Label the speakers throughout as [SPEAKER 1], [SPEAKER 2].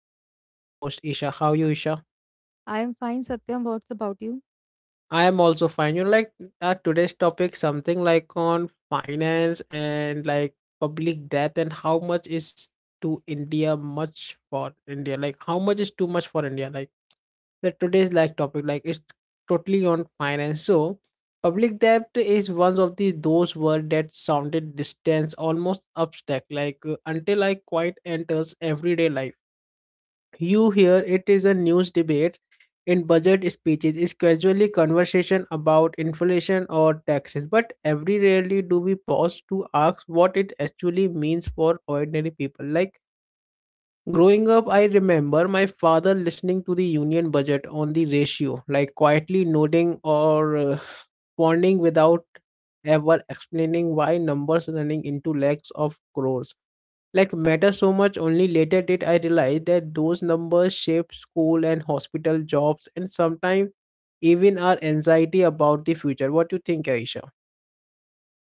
[SPEAKER 1] fabulous co-host Isha. How are you Isha?
[SPEAKER 2] I am fine, Satyam. What's about you?
[SPEAKER 1] I am also fine. Today's topic something like on finance and like public debt and how much is to India much for India? Like how much is too much for India? Like the today's like topic like it's totally on finance. So public debt is one of the those words that sounded distant almost abstract like until I quite enters everyday life. You hear it is a news debate in budget speeches is casually conversation about inflation or taxes, but every rarely do we pause to ask what it actually means for ordinary people. Like growing up, I remember my father listening to the union budget on the ratio, like quietly nodding or pondering without ever explaining why numbers running into lakhs of crores like matter so much. Only later did I realize that those numbers shape school and hospital jobs and sometimes even our anxiety about the future. What do you think, Aisha?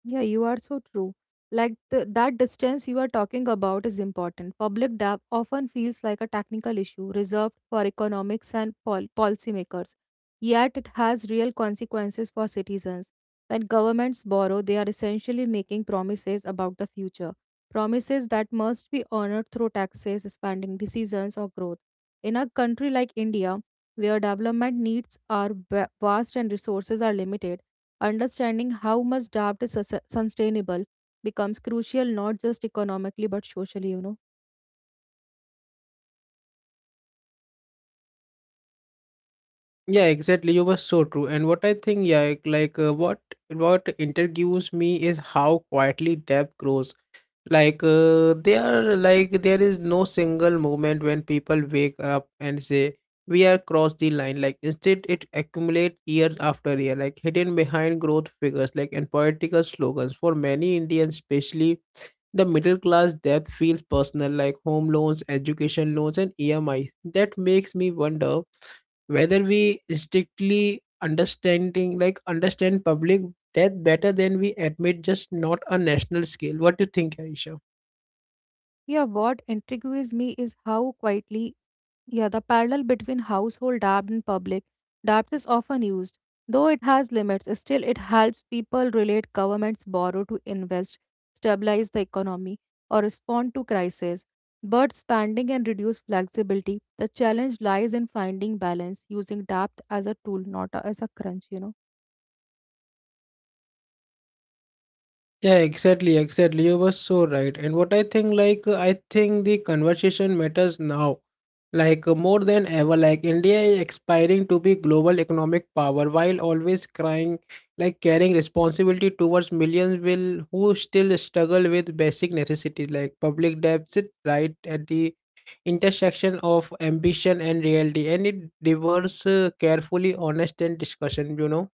[SPEAKER 2] Yeah, you are so true. That distance you are talking about is important. Public debt often feels like a technical issue reserved for economics and policymakers, yet it has real consequences for citizens. When governments borrow, they are essentially making promises about the future, promises that must be honored through taxes, spending decisions, or growth. In a country like India, where development needs are vast and resources are limited, understanding how much debt is sustainable becomes crucial not just economically but socially, you know.
[SPEAKER 1] Yeah, exactly, you were so true. And what I think, yeah, what intrigues me is how quietly depth grows. They are like there is no single moment when people wake up and say we are crossed the line. Like instead, it accumulate years after year, like hidden behind growth figures, like and political slogans. For many Indians, especially the middle class, debt feels personal, like home loans, education loans, and EMI. That makes me wonder whether we strictly understanding like understand public debt better than we admit, just not on national scale. What do you think, Aisha?
[SPEAKER 2] Yeah, what intrigues me is how quietly, yeah, the parallel between household debt and public debt is often used. Though it has limits, still it helps people relate. Governments borrow to invest, stabilize the economy, or respond to crises. But spending and reduce flexibility, the challenge lies in finding balance, using debt as a tool, not a- as a crunch, you know.
[SPEAKER 1] Yeah, exactly, exactly. You were so right. And what I think, like, I think the conversation matters now, like, more than ever. Like, India is aspiring to be global economic power while always crying, like, carrying responsibility towards millions will who still struggle with basic necessities like public debt. Sit right at the intersection of ambition and reality, and it diverse carefully honest and discussion. You know.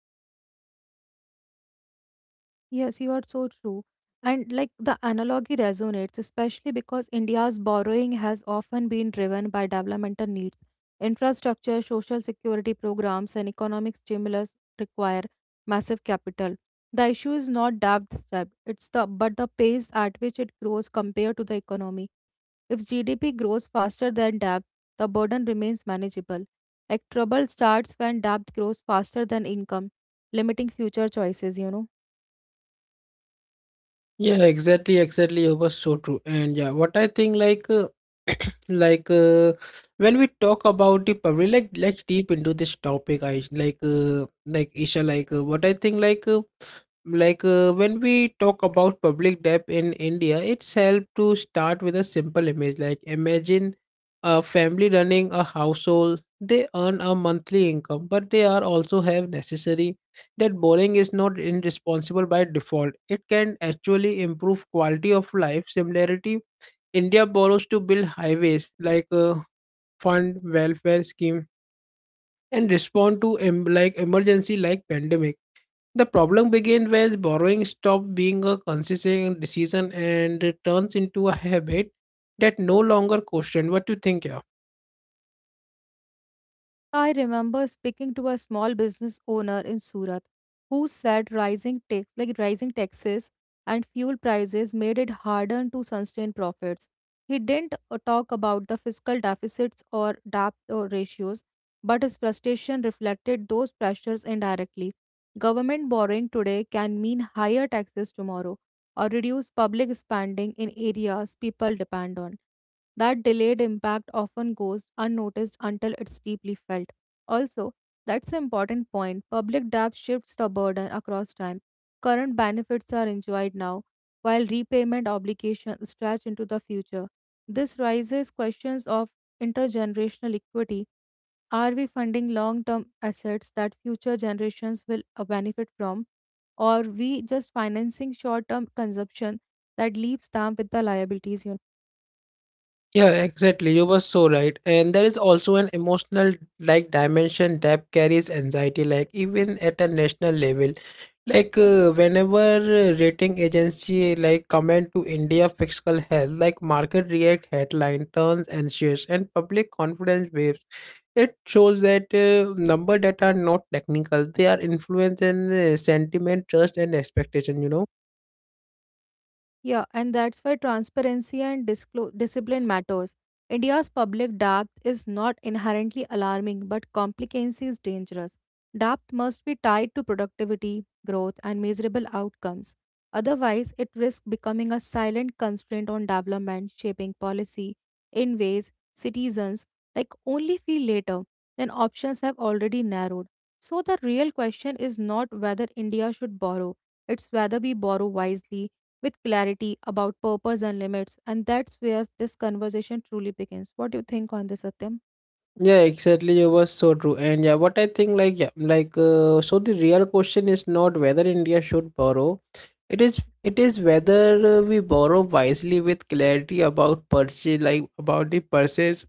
[SPEAKER 2] Yes, you are so true. And like the analogy resonates, especially because India's borrowing has often been driven by developmental needs. Infrastructure, social security programs, and economic stimulus require massive capital. The issue is not debt step, it's the pace at which it grows compared to the economy. If GDP grows faster than debt, the burden remains manageable. Like, trouble starts when debt grows faster than income, limiting future choices, you know.
[SPEAKER 1] Yeah, exactly, exactly. It was so true. And yeah, what I think like uh, when we talk about the public like let's deep into this topic. I like isha like what I think like When we talk about public debt in India, it's helped to start with a simple image. Like imagine a family running a household. They earn a monthly income but they are also have necessary that borrowing is not irresponsible by default. It can actually improve quality of life. Similarity, India borrows to build highways, like a fund welfare scheme, and respond to like emergency like pandemic. The problem begins when borrowing stops being a consistent decision and it turns into a habit that no longer question. What do you think, yeah?
[SPEAKER 2] I remember speaking to a small business owner in Surat who said rising taxes and fuel prices made it harder to sustain profits. He didn't talk about the fiscal deficits or debt ratios, but his frustration reflected those pressures indirectly. Government borrowing today can mean higher taxes tomorrow or reduce public spending in areas people depend on. That delayed impact often goes unnoticed until it's deeply felt. Also, that's an important point. Public debt shifts the burden across time. Current benefits are enjoyed now, while repayment obligations stretch into the future. This raises questions of intergenerational equity. Are we funding long term assets that future generations will benefit from? Or we just financing short term consumption that leaves them with the liabilities? You.
[SPEAKER 1] Yeah, exactly. You were so right. And there is also an emotional like dimension that carries anxiety, like even at a national level. Whenever rating agency like comment to India fiscal health, like market react headline turns anxious and public confidence waves. It shows that number that are not technical, they are influence and sentiment, trust and expectation. You know.
[SPEAKER 2] Yeah, and that's why transparency and discipline matters. India's public debt is not inherently alarming, but complicancy is dangerous. Debt must be tied to productivity, growth, and measurable outcomes. Otherwise, it risks becoming a silent constraint on development, shaping policy in ways citizens like only feel later, when options have already narrowed. So the real question is not whether India should borrow, it's whether we borrow wisely, with clarity about purpose and limits. And that's where this conversation truly begins. What do you think on this, Satyam?
[SPEAKER 1] Yeah, exactly. You were so true. And yeah, what I think, like, yeah, like, so the real question is not whether India should borrow. It is whether we borrow wisely with clarity about purchase, like about the purchase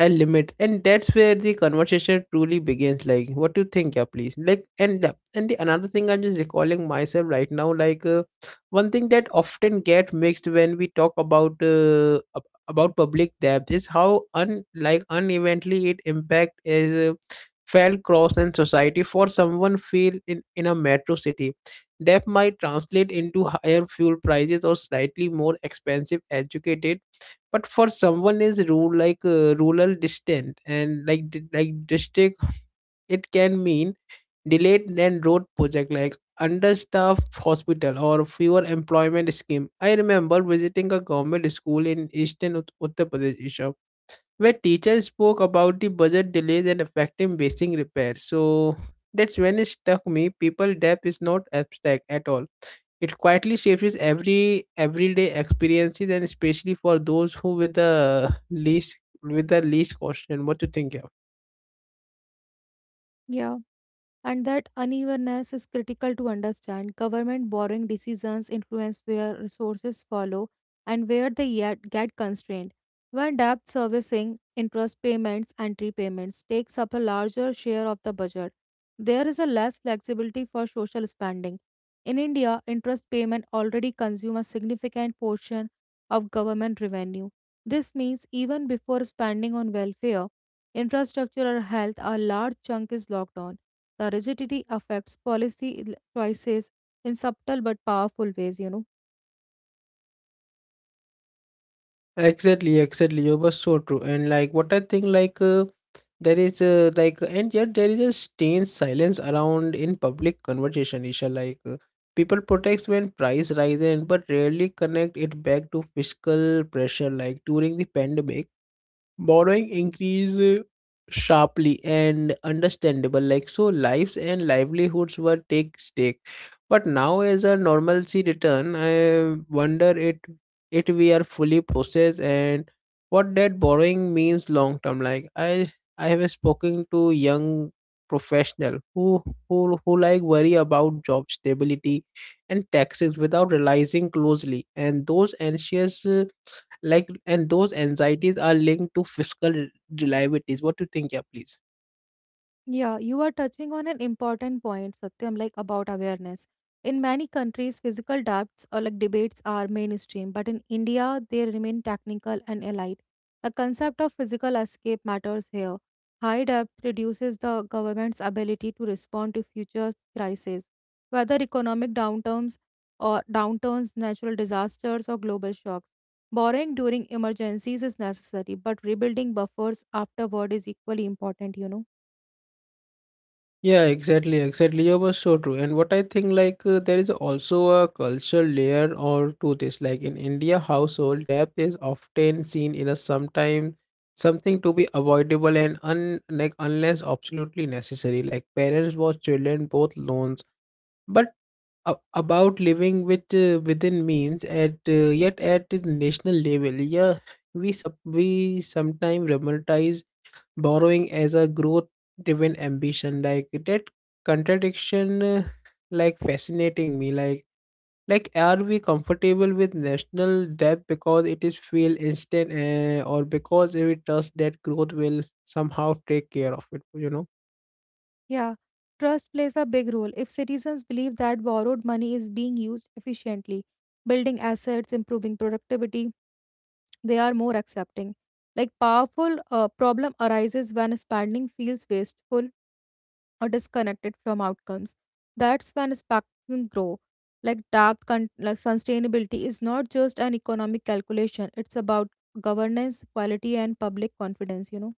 [SPEAKER 1] and limit. And that's where the conversation truly begins. Like, what do you think, yeah, please? Like, and the another thing I'm just recalling myself right now, like, one thing that often get mixed when we talk about public debt is how un like unevently it impact is felt cross in society. For someone feel in a metro city, debt might translate into higher fuel prices or slightly more expensive educated, but for someone is rural like rural distant and like like district, it can mean delayed and road project like understaffed hospital or fewer employment scheme. I remember visiting a government school in eastern Uttar Pradesh, Isha, where teachers spoke about the budget delays and affecting basic repairs. So that's when it struck me people debt is not abstract at all. It quietly shapes every everyday experiences and especially for those who with the least caution. What do you think? Yeah?
[SPEAKER 2] Yeah, and that unevenness is critical to understand. Government borrowing decisions influence where resources follow and where they yet get constrained. When debt servicing, interest payments, and repayments takes up a larger share of the budget, there is a less flexibility for social spending. In India, interest payment already consume a significant portion of government revenue. This means even before spending on welfare, infrastructure or health, a large chunk is locked on. The rigidity affects choices in subtle but powerful ways, you know.
[SPEAKER 1] Exactly, exactly. You were so true. And like what I think, there is and yet there is a strange silence around in public conversation. Isha, people protest when price rises, but rarely connect it back to fiscal pressure. Like during the pandemic, borrowing increased sharply and understandable like so lives and livelihoods were take stake, but now as a normalcy return I wonder it we are fully processed and what that borrowing means long term. Like I have spoken to young professional who like worry about job stability and taxes without realizing closely and those anxious like and those anxieties are linked to fiscal reliabilities. What do you think, yeah, please?
[SPEAKER 2] Yeah, you are touching on an important point, Satyam, like about awareness. In many countries, physical doubts or like debates are mainstream, but in India, they remain technical and elite. The concept of physical escape matters here. High debt reduces the government's ability to respond to future crises, whether economic downturns natural disasters, or global shocks. Borrowing during emergencies is necessary, but rebuilding buffers afterward is equally important, you know.
[SPEAKER 1] Yeah, exactly, exactly. You were so true. And what I think, like, there is also a cultural layer or to this. Like in India, household debt is often seen in a sometime something to be avoidable and un like unless absolutely necessary. Like parents watch children both loans, but about living with within means at yet at the national level, yeah, we sometimes romanticize borrowing as a growth driven ambition like that contradiction like fascinating me like are we comfortable with national debt because it is feel instant or because we trust that growth will somehow take care of it, you know.
[SPEAKER 2] Yeah, trust plays a big role. If citizens believe that borrowed money is being used efficiently, building assets, improving productivity, they are more accepting. Like, powerful problem arises when spending feels wasteful or disconnected from outcomes. That's when spectrum grow. Like, sustainability is not just an economic calculation. It's about governance, quality, and public confidence, you know.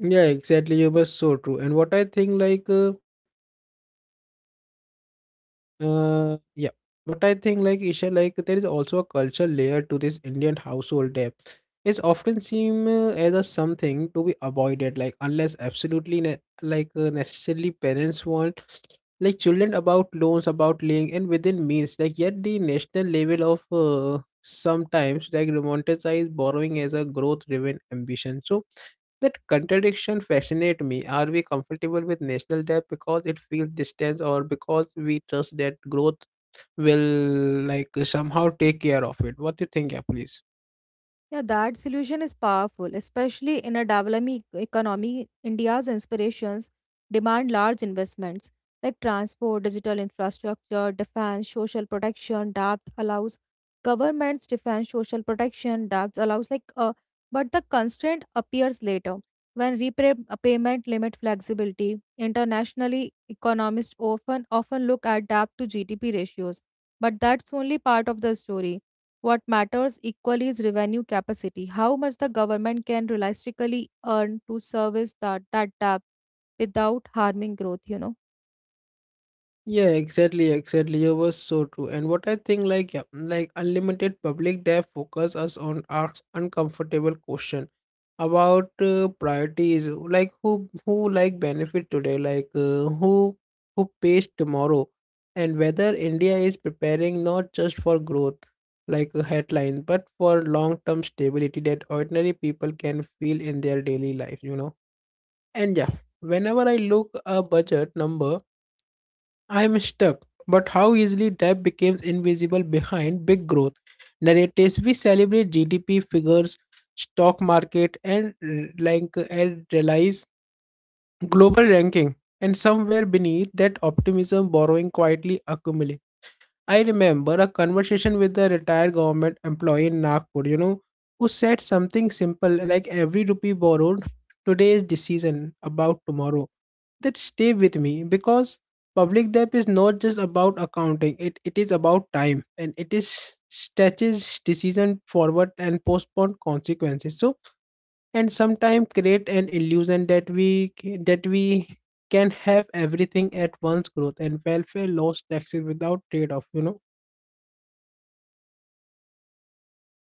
[SPEAKER 1] Yeah, exactly, you were so true. And what I think yeah. But I think like Isha, like there is also a cultural layer to this Indian household debt. It's often seen as a something to be avoided, like unless absolutely like necessarily parents want like children about loans, about laying, and within means. Like yet the national level of sometimes like romanticize borrowing as a growth-driven ambition. So that contradiction fascinates me. Are we comfortable with national debt because it feels distant or because we trust that growth will like somehow take care of it? What do you think, yeah, please?
[SPEAKER 2] Yeah, that solution is powerful, especially in a developing economy. India's inspirations demand large investments like transport, digital infrastructure, defense, social protection. Debt allows but the constraint appears later, when repayment limit flexibility. Internationally, economists often look at debt to GDP ratios, but that's only part of the story. What matters equally is revenue capacity, how much the government can realistically earn to service that debt without harming growth, you know.
[SPEAKER 1] Yeah, exactly, exactly. You was so true. And what I think, like, yeah, like unlimited public debt focus us on asks uncomfortable question about priorities, like who like benefit today, like who pays tomorrow, and whether India is preparing not just for growth, like a headline, but for long term stability that ordinary people can feel in their daily life. You know, and yeah, whenever I look a budget number I'm stuck. But how easily debt becomes invisible behind big growth narratives. We celebrate GDP figures, stock market, and like and realize global ranking. And somewhere beneath that optimism, borrowing quietly accumulates. I remember a conversation with a retired government employee in Nagpur, you know, who said something simple like every rupee borrowed, today is decision about tomorrow. That stay with me because public debt is not just about accounting, it is about time and it is stretches decision forward and postpone consequences. So and sometimes create an illusion that we can have everything at once growth and welfare lost taxes without trade off, you know.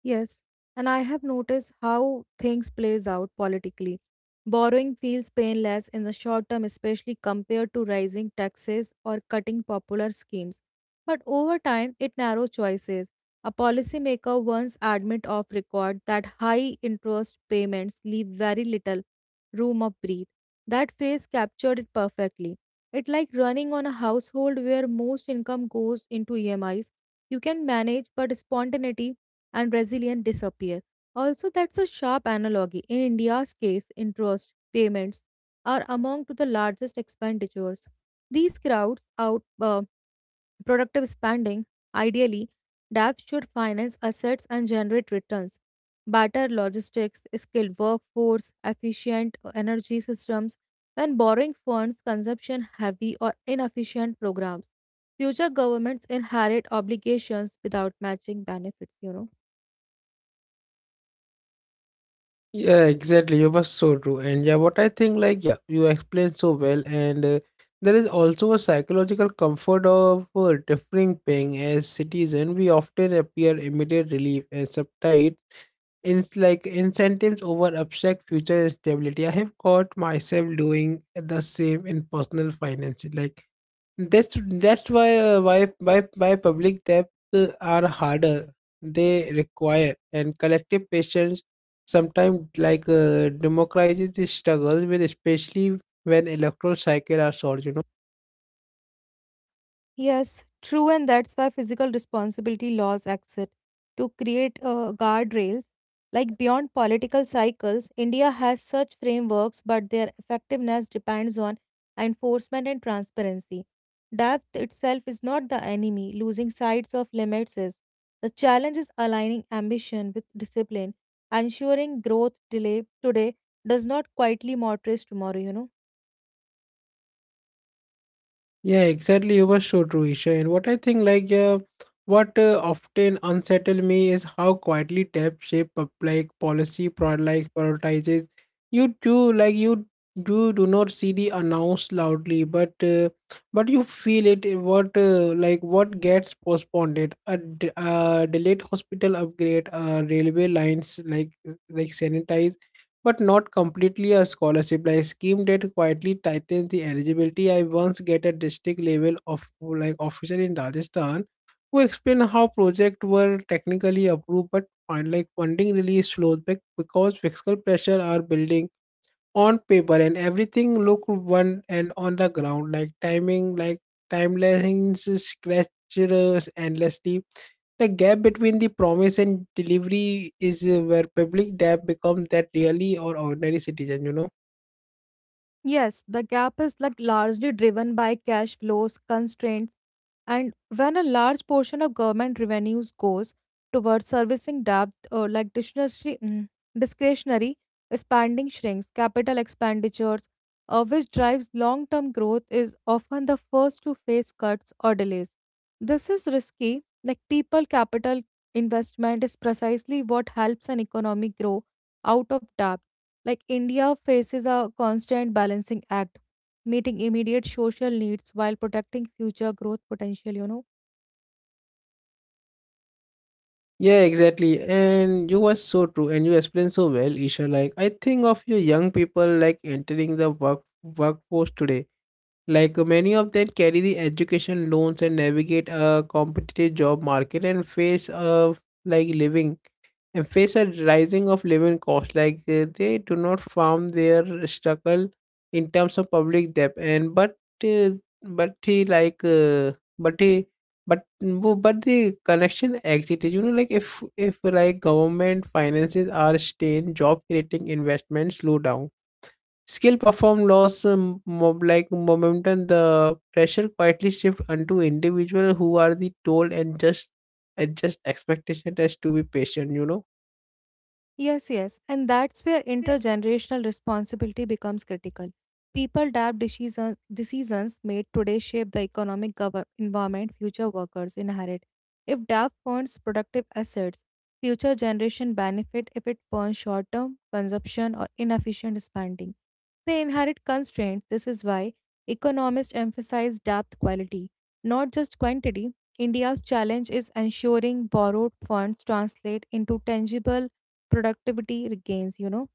[SPEAKER 2] Yes, and I have noticed how things plays out politically. Borrowing feels painless in the short term, especially compared to rising taxes or cutting popular schemes. But over time, it narrows choices. A policymaker once admit off record that high interest payments leave very little room of breathe. That phrase captured it perfectly. It's like running on a household where most income goes into EMIs. You can manage, but spontaneity and Brazilian disappear. Also, that's a sharp analogy. In India's case, interest payments are among to the largest expenditures. These crowds out productive spending. Ideally, debt should finance assets and generate returns. Better logistics, skilled workforce, efficient energy systems. When borrowing funds, consumption heavy or inefficient programs. Future governments inherit obligations without matching benefits, you know.
[SPEAKER 1] Yeah, exactly. You were so true. And yeah, what I think, like, yeah, you explained so well. And there is also a psychological comfort of differing paying as citizen. We often appear immediate relief and subtitle in like incentives over abstract future stability. I have caught myself doing the same in personal finances. Like that's why why public debt are harder. They require and collective patience sometimes like democratizes the struggles with especially when electoral cycle are short. You know.
[SPEAKER 2] Yes, true, and that's why physical responsibility laws exist to create guardrails. Like, beyond political cycles, India has such frameworks, but their effectiveness depends on enforcement and transparency. Depth itself is not the enemy, losing sight of limits is. The challenge is aligning ambition with discipline, ensuring growth delay today does not quietly mortgage tomorrow, you know.
[SPEAKER 1] Yeah, exactly. You were so true, Isha. And what I think, like, what often unsettle me is how quietly tap shape of, like policy prod like prioritizes. You do not see the announce loudly, but you feel it. In what like what gets postponed? It a a delayed hospital upgrade, railway lines like sanitize but not completely a scholarship like scheme that quietly tightens the eligibility. I once get a district level of like officer in Rajasthan who explained how projects were technically approved but find like funding really slowed back because fiscal pressure are building on paper and everything looked one and on the ground like timing like timelines scratches endlessly. The gap between the promise and delivery is where public debt becomes that really or ordinary citizen.
[SPEAKER 2] Yes, the gap is like largely driven by cash flows constraints, and when a large portion of government revenues goes towards servicing debt or like discretionary, discretionary spending shrinks, capital expenditures, which drives long-term growth, is often the first to face cuts or delays. This is risky. Like, people capital investment is precisely what helps an economy grow out of debt. Like, India faces a constant balancing act, meeting immediate social needs while protecting future growth potential, you know.
[SPEAKER 1] Yeah, exactly, and you were so true and you explained so well, Isha. Like I think of you young people like entering the workforce today. Like many of them carry the education loans and navigate a competitive job market and face a like living and face a rising of living costs. Like they do not farm their struggle in terms of public debt and uh, but he like but he but but the connection exit is, you know, like if like government finances are strained, job creating investment slow down. Skill perform loss like momentum. The pressure quietly shift onto individual who are the told and just adjust expectation as to be patient. You know.
[SPEAKER 2] Yes. And that's where intergenerational responsibility becomes critical. Decisions made today shape the economic environment future workers inherit. If DAP funds productive assets, future generation benefit. If it funds short-term consumption or inefficient spending, they inherit constraints. This is why economists emphasize depth quality, not just quantity. India's challenge is ensuring borrowed funds translate into tangible productivity regains, you know.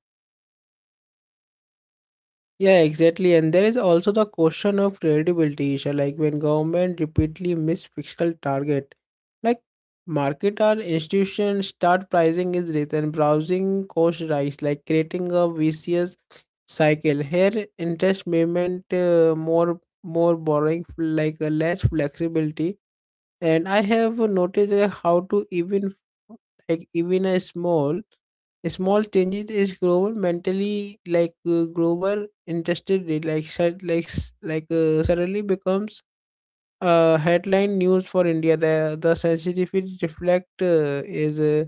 [SPEAKER 1] Yeah, exactly. And there is also the question of credibility, Isha. Like when government repeatedly miss fiscal target, like market or institutions start pricing is written, browsing cost rise, like creating a vicious cycle. Here, interest movement more borrowing, like less flexibility. And I have noticed that how to even like even a small changes is global mentally, like global interested in, like like like suddenly becomes headline news for India. The sensitivity reflect is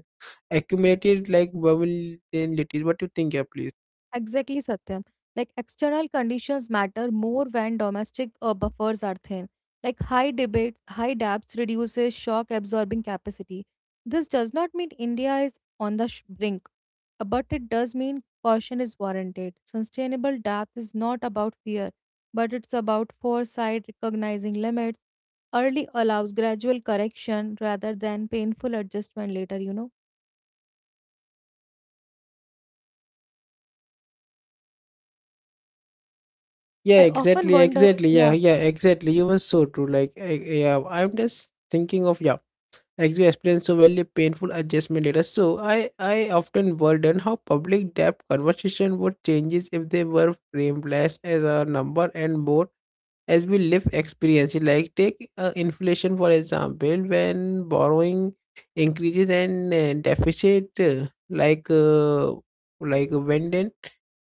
[SPEAKER 1] accumulated like bubble in litis. What do you think, yeah, please?
[SPEAKER 2] Exactly, Satyam. Like, external conditions matter more when domestic buffers are thin. Like, high debts reduces shock absorbing capacity. This does not mean India is on the brink, but it does mean caution is warranted. Sustainable debt is not about fear, but it's about foresight, recognizing limits. Early allows gradual correction rather than painful adjustment later, you know. I
[SPEAKER 1] Yeah,
[SPEAKER 2] often
[SPEAKER 1] exactly,
[SPEAKER 2] wonder,
[SPEAKER 1] exactly.
[SPEAKER 2] yeah.
[SPEAKER 1] Yeah, yeah, exactly. You were so true. Like, I, yeah, I'm just thinking of yeah. As you so well, a painful adjustment later. So I often wondered how public debt conversation would changes if they were framed less as a number and more as we live experience. Like take inflation for example, when borrowing increases and deficit like when then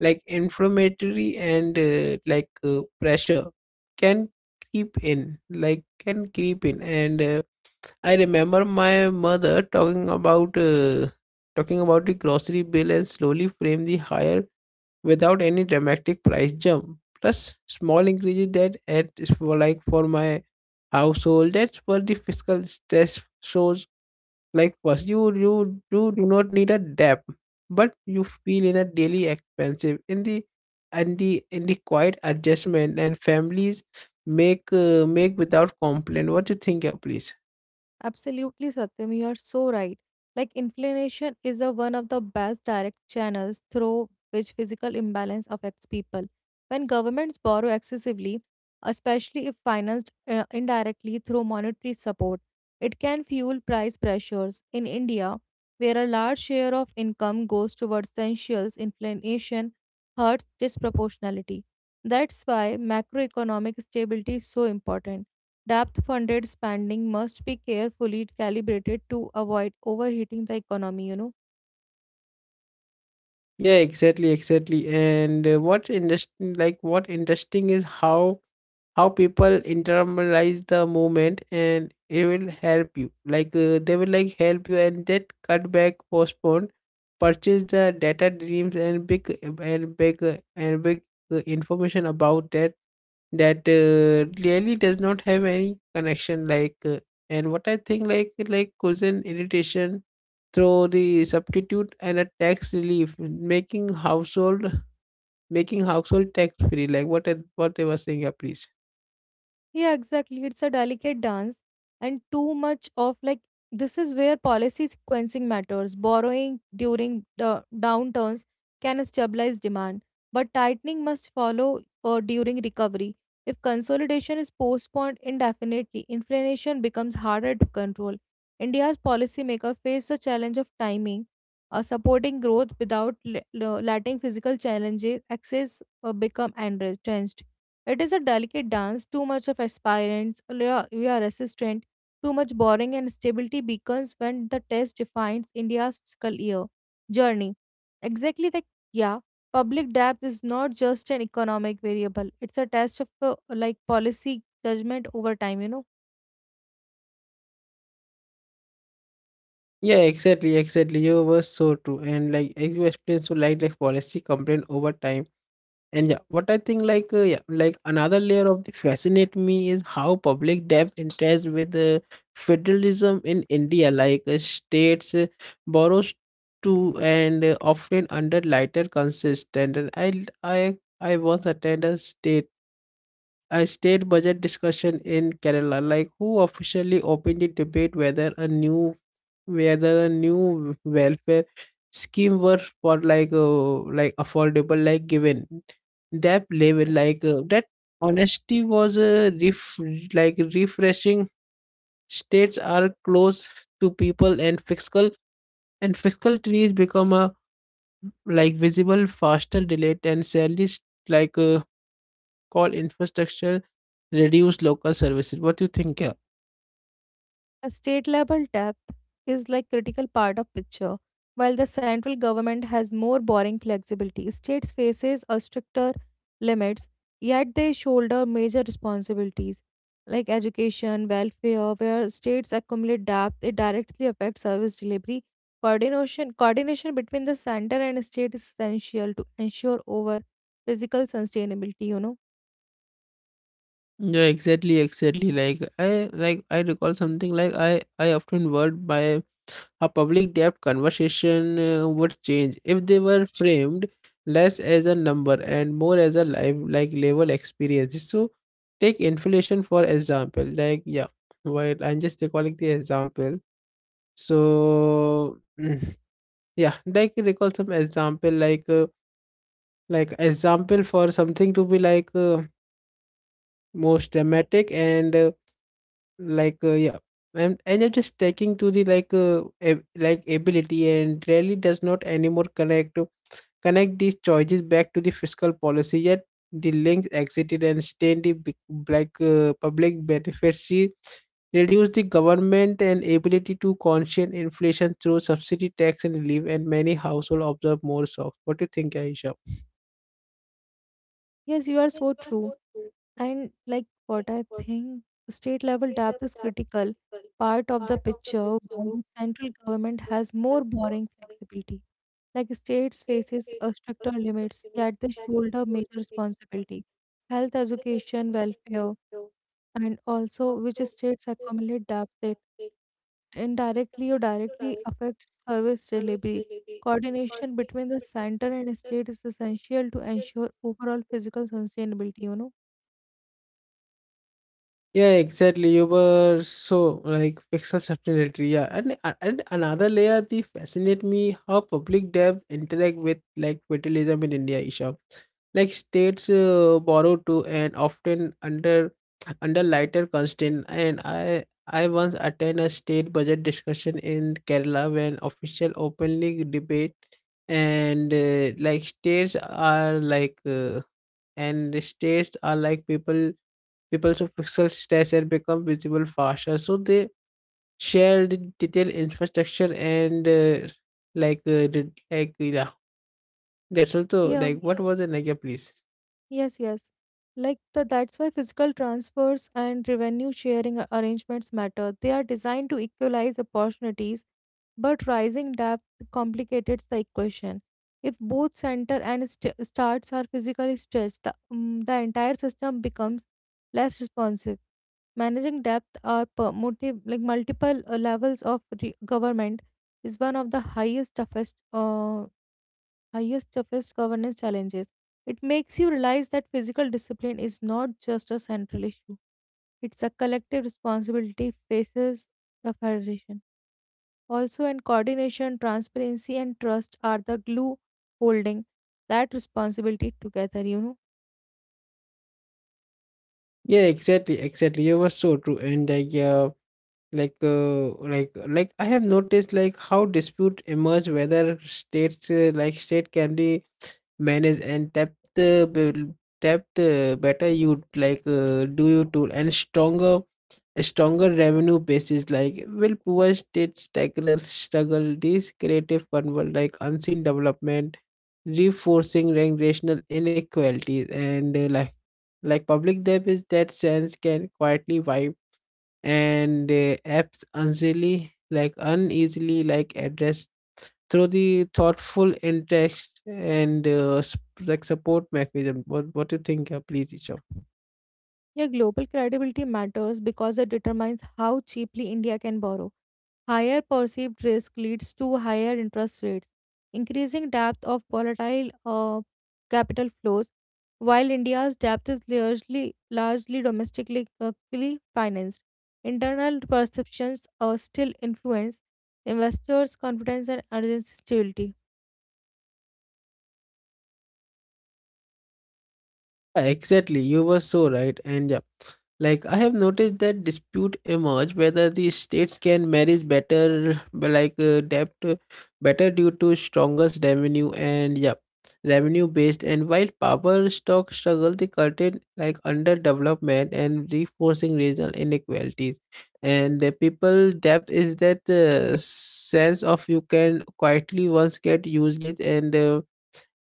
[SPEAKER 1] like inflammatory and like pressure can creep in like can creep in and I remember my mother talking about the grocery bill and slowly frame the higher without any dramatic price jump. Plus small increases that at for like for my household. That's where the fiscal stress shows. Like first, you do not need a debt, but you feel in a daily expensive in the and the in the quiet adjustment and families make make without complaint. What do you think, yeah, please?
[SPEAKER 2] Absolutely, Satyam, you are so right. Like, inflammation is a one of the best direct channels through which physical imbalance affects people. When governments borrow excessively, especially if financed indirectly through monetary support, it can fuel price pressures. In India, where a large share of income goes towards essentials, inflation hurts disproportionality. That's why macroeconomic stability is so important. Depth funded spending must be carefully calibrated to avoid overheating the economy, you know.
[SPEAKER 1] Yeah, exactly, exactly. And what interesting, like what interesting is how people internalize the movement, and it will help you. Like they will like help you, and that cut back, postpone, purchase the data dreams and big and big and big information about that that really does not have any connection like and what I think like cousin irritation through the substitute and a tax relief making household tax free like what I- what they were saying, yeah, please.
[SPEAKER 2] Yeah, exactly. It's a delicate dance, and too much of like this is where policy sequencing matters. Borrowing during the downturns can stabilize demand, but tightening must follow during recovery. If consolidation is postponed indefinitely, inflation becomes harder to control. India's policymakers face the challenge of timing, supporting growth without letting physical challenges access become entrenched. It is a delicate dance, too much of aspirants, we are resistant, too much boring and stability beacons when the test defines India's fiscal year journey. Exactly the yeah, public debt is not just an economic variable. It's a test of like policy judgment over time, you know.
[SPEAKER 1] Yeah, exactly, exactly, you were so true. And like you explained so like policy complaint over time. And yeah, what I think like yeah, like another layer of the fascinate me is how public debt interacts with federalism in India. Like states borrows to and often under lighter consistent. And I once attended a state budget discussion in Kerala, like who officially opened the debate whether a new where the new welfare scheme were for like affordable like given that level like that honesty was a like refreshing. States are close to people and fiscal trees become a like visible faster delayed and salaries like call infrastructure reduce local services. What do you think, yeah?
[SPEAKER 2] A state level depth is like critical part of picture. While the central government has more borrowing flexibility, states faces a stricter limits, yet they shoulder major responsibilities like education, welfare, where states accumulate debt, it directly affects service delivery. Coordination between the center and state is essential to ensure over physical sustainability, you know.
[SPEAKER 1] Yeah, exactly, exactly. Like I recall something like I often worried by a public debt conversation would change if they were framed less as a number and more as a life like level experience. So take inflation for example. Like yeah, while I'm just recalling the example. So mm, yeah, like recall some example like example for something to be like most dramatic and. Like yeah and I just taking to the like like ability and really does not anymore connect these choices back to the fiscal policy yet the links exited and stained the big, black public benefits she reduced the government and ability to conscious inflation through subsidy tax and relief and many household observe more shocks. What do you think, Aisha?
[SPEAKER 2] Yes, you are so true. And like what I think, state level depth is critical part of the picture while the central government has more borrowing flexibility. Like, states faces a stricter limits, yet they shoulder major responsibility. Health, education, welfare, and also which states accumulate debt that indirectly or directly affects service delivery. Coordination between the center and state is essential to ensure overall physical sustainability, you know?
[SPEAKER 1] Yeah, exactly. You were so like pixel subtlety. Yeah, and a- and another layer that fascinate me how public dev interact with like federalism in India, Isha. Like states borrow to and often under under lighter constraint. And I once attend a state budget discussion in Kerala when official openly debate and like states are like and the states are like people. People's physical stature become visible faster, so they share the detailed infrastructure and like like yeah. That's also
[SPEAKER 2] Yeah.
[SPEAKER 1] like what was the like? Yeah, please.
[SPEAKER 2] Yes. Like that's why physical transfers and revenue sharing arrangements matter. They are designed to equalize opportunities, but rising depth complicates the equation. If both center and starts are physically stretched, the entire system becomes less responsive. Managing depth or multiple levels of government is one of the highest, toughest governance challenges. It makes you realize that physical discipline is not just a central issue, it's a collective responsibility faces the Federation. Also, and coordination, transparency, and trust are the glue holding that responsibility together, you know.
[SPEAKER 1] Yeah, exactly, exactly. You were so true, and like yeah, like uh, like like I have noticed like how dispute emerge whether states like state can be manage and depth depth better, you like do you do and stronger revenue basis, like will poor states struggle these creative convert like unseen development reinforcing generational inequalities and like public debt is that sense can quietly wipe and apps uneasily like address through the thoughtful in text and like support mechanism. What do you think? Please, Isha.
[SPEAKER 2] Your global credibility matters because it determines how cheaply India can borrow. Higher perceived risk leads to higher interest rates, increasing depth of volatile capital flows. While India's debt is largely domestically financed, internal perceptions still influence investors' confidence and urgency. Stability.
[SPEAKER 1] Yeah, exactly, you were so right, and yeah, like I have noticed that dispute emerge whether the states can manage better, like debt better due to strongest revenue and yeah, revenue based. And while power stock struggle, the curtain like underdevelopment and reinforcing regional inequalities, and the people debt is that sense of you can quietly once get useless and.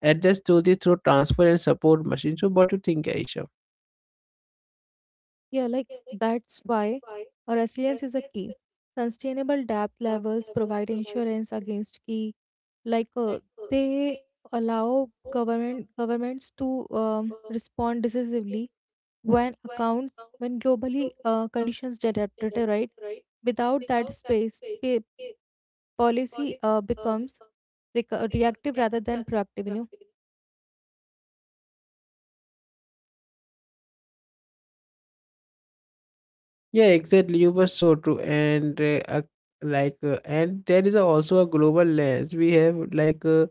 [SPEAKER 1] Address slowly through transfer and support machine. So, what do you think, Aisha?
[SPEAKER 2] Yeah, like that's why a resilience is a key. Sustainable debt levels provide insurance against key, like uh, they allow governments to respond decisively when accounts when globally conditions deteriorate. Without that space, policy becomes reactive rather than proactive. You know.
[SPEAKER 1] Yeah, exactly. You were so true. And like, and there is also a global lens. We have like.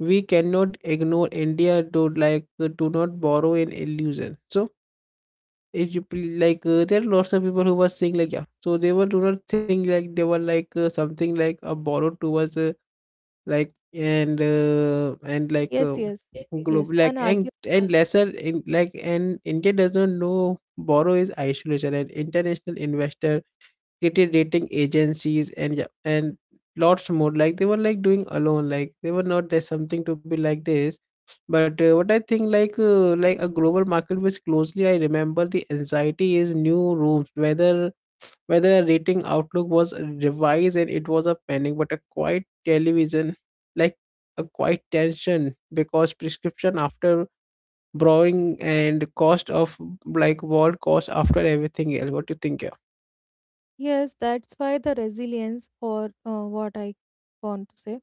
[SPEAKER 1] We cannot ignore India to like do not borrow an illusion. So it you like there are lots of people who were saying like yeah, so they were do not think like they were like something like a borrow towards. Like and like
[SPEAKER 2] Yes, yes,
[SPEAKER 1] globe
[SPEAKER 2] yes.
[SPEAKER 1] like
[SPEAKER 2] One argument.
[SPEAKER 1] and lesser in like and India does not know borrow is isolation and international investor credit rating agencies and yeah, and lots more like they were like doing alone like they were not there's something to be like this but what I think like a global market which closely I remember the anxiety is new rooms whether whether a rating outlook was revised and it was a panic but a quiet television like a quiet tension because prescription after borrowing and cost of like world cost after everything else. What do you think, yeah?
[SPEAKER 2] Yes, that's why the resilience, or what I want to say,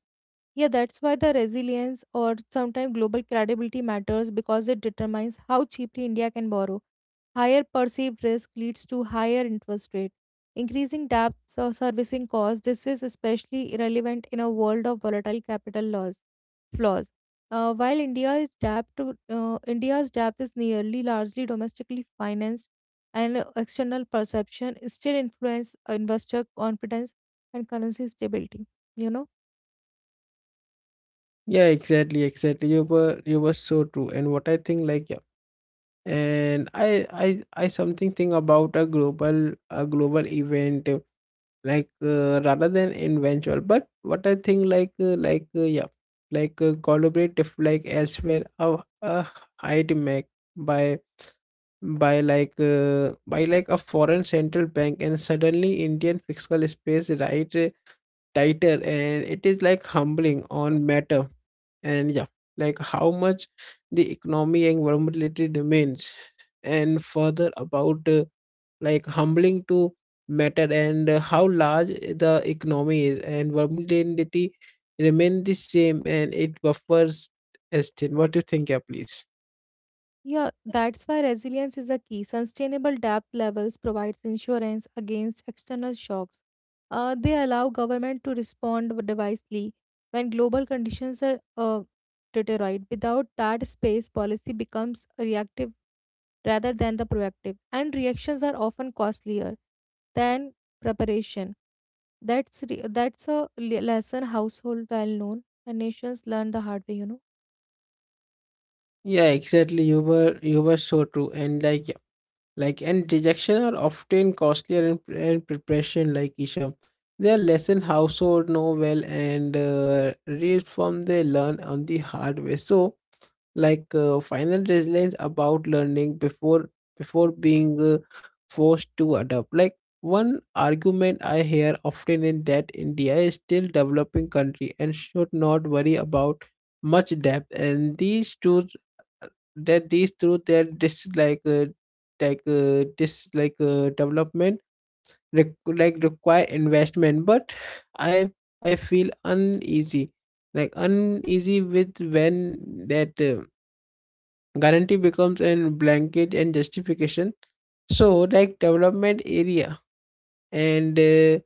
[SPEAKER 2] yeah, that's why the resilience or sometimes global credibility matters because it determines how cheaply India can borrow. Higher perceived risk leads to higher interest rate, increasing debts or servicing costs. This is especially irrelevant in a world of volatile capital laws flaws. While India's debt to, India's debt is nearly largely domestically financed, and external perception still influence investor confidence and currency stability. You know.
[SPEAKER 1] Yeah, exactly, exactly, you were so true. And what I think, like yeah, and I something think about a global event like rather than eventual, but what I think like yeah like collaborate if like elsewhere a hide make by by like a foreign central bank and suddenly Indian fiscal space right tighter and it is like humbling on matter and yeah like how much the economy and vulnerability remains and further about like humbling to matter and how large the economy is and vulnerability remain the same and it buffers esteem. What do you think, yeah, please?
[SPEAKER 2] Yeah, that's why resilience is a key. Sustainable debt levels provides insurance against external shocks. They allow government to respond devisely when global conditions are deteriorate. Without that space, policy becomes reactive rather than the proactive, and reactions are often costlier than preparation. That's a lesson household well known, and nations learn the hard way. You know.
[SPEAKER 1] Yeah, exactly. You were so true. And like yeah, like and rejection are often costlier in, in preparation, like Isha. They are lesson household know well and read from they learn on the hard way. So like final resilience about learning before before being forced to adapt like one argument I hear often in that India is still developing country and should not worry about much depth and these truth that these truth their dislike like dislike development like require investment but i I feel uneasy like uneasy with when that guarantee becomes a blanket and justification. So like development area and uh,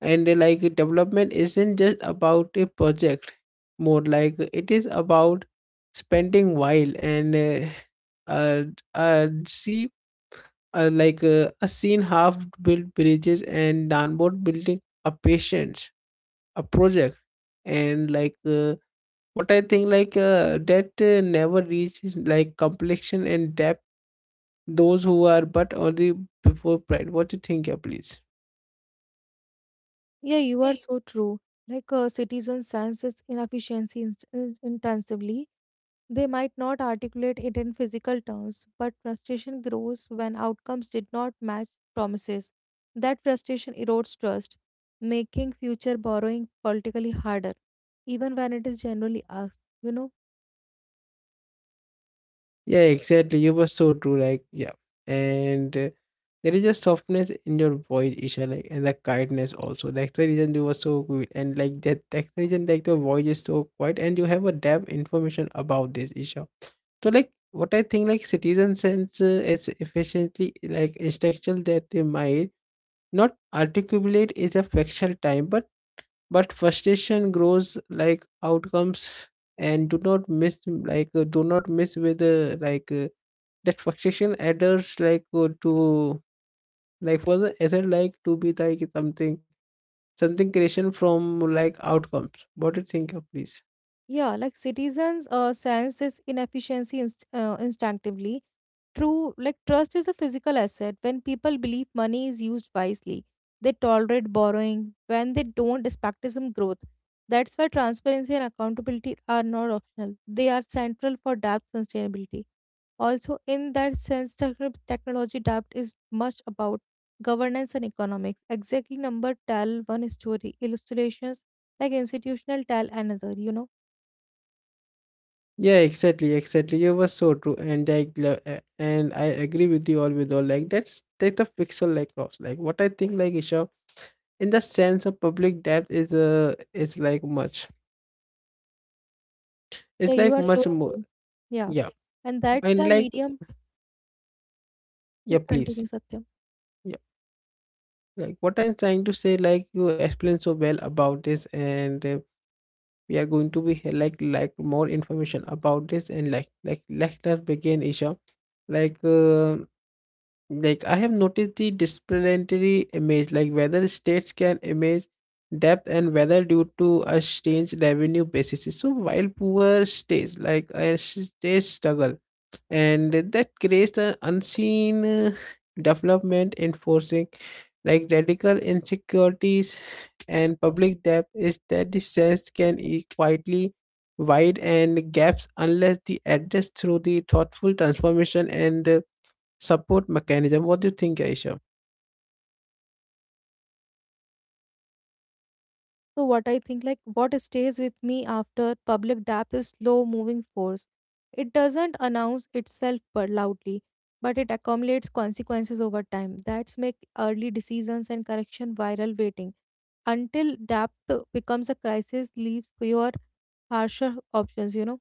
[SPEAKER 1] and like development isn't just about a project, more like it is about spending while and uh, see like a seen half built bridges and downboard building a patience a project and like what I think like that never reach like complexion and depth those who are but only before pride. What do you think, yeah, please?
[SPEAKER 2] Yeah, you are so true. Like a citizen senses inefficiency intensively. They might not articulate it in physical terms, but frustration grows when outcomes did not match promises. That frustration erodes trust, making future borrowing politically harder, even when it is generally asked. You know.
[SPEAKER 1] Yeah, exactly. You were so true. Like, yeah. And there is a softness in your voice, Isha, like, and the kindness also. That's the reason you were so good. And like that's the reason, like, your voice is so quiet and you have a depth information about this, Isha. So, like, what I think, like, citizen sense is efficiently, like, instructional that they might not articulate is a factual time, but frustration grows like outcomes and do not miss like do not miss with that frustration adds like to like for the other like to be like something something creation from like outcomes. What do you think of, please?
[SPEAKER 2] Yeah, like citizens sense this inefficiency instinctively. True, like trust is a physical asset. When people believe money is used wisely, they tolerate borrowing. When they don't, expectism growth. That's why transparency and accountability are not optional. They are central for debt sustainability. Also, in that sense, technology debt is much about governance and economics. Exactly number tell one story. Illustrations like institutional tell another. You know.
[SPEAKER 1] Yeah, exactly, exactly. You were so true, and like, and I agree with you all with all. Like that's the fictional like cross. Like what I think, like Isha, in the sense of public debt is like much.
[SPEAKER 2] Yeah,
[SPEAKER 1] It's
[SPEAKER 2] you
[SPEAKER 1] like
[SPEAKER 2] are so
[SPEAKER 1] much more.
[SPEAKER 2] true. Yeah,
[SPEAKER 1] Yeah,
[SPEAKER 2] and that's
[SPEAKER 1] and
[SPEAKER 2] why
[SPEAKER 1] like
[SPEAKER 2] medium.
[SPEAKER 1] yeah,
[SPEAKER 2] Please
[SPEAKER 1] please.
[SPEAKER 2] continue, Satyam.
[SPEAKER 1] Yeah, like what I'm trying to say. Like you explained so well about this, and we are going to be like more information about this, and like let us begin, Isha. Like uh, Like I have noticed the disciplinary image, like whether states can image depth and whether due to a strange revenue basis. So while poor states, like a state struggle, and that creates an unseen development enforcing like radical insecurities and public debt is that the sense can be quietly wide and gaps unless the address through the thoughtful transformation and support mechanism. What do you think, Aisha?
[SPEAKER 2] So what I think, like what stays with me after public depth is slow-moving force. It doesn't announce itself but loudly, but it accumulates consequences over time. That's make early decisions and correction viral waiting until depth becomes a crisis, leaves fewer harsher options. You know,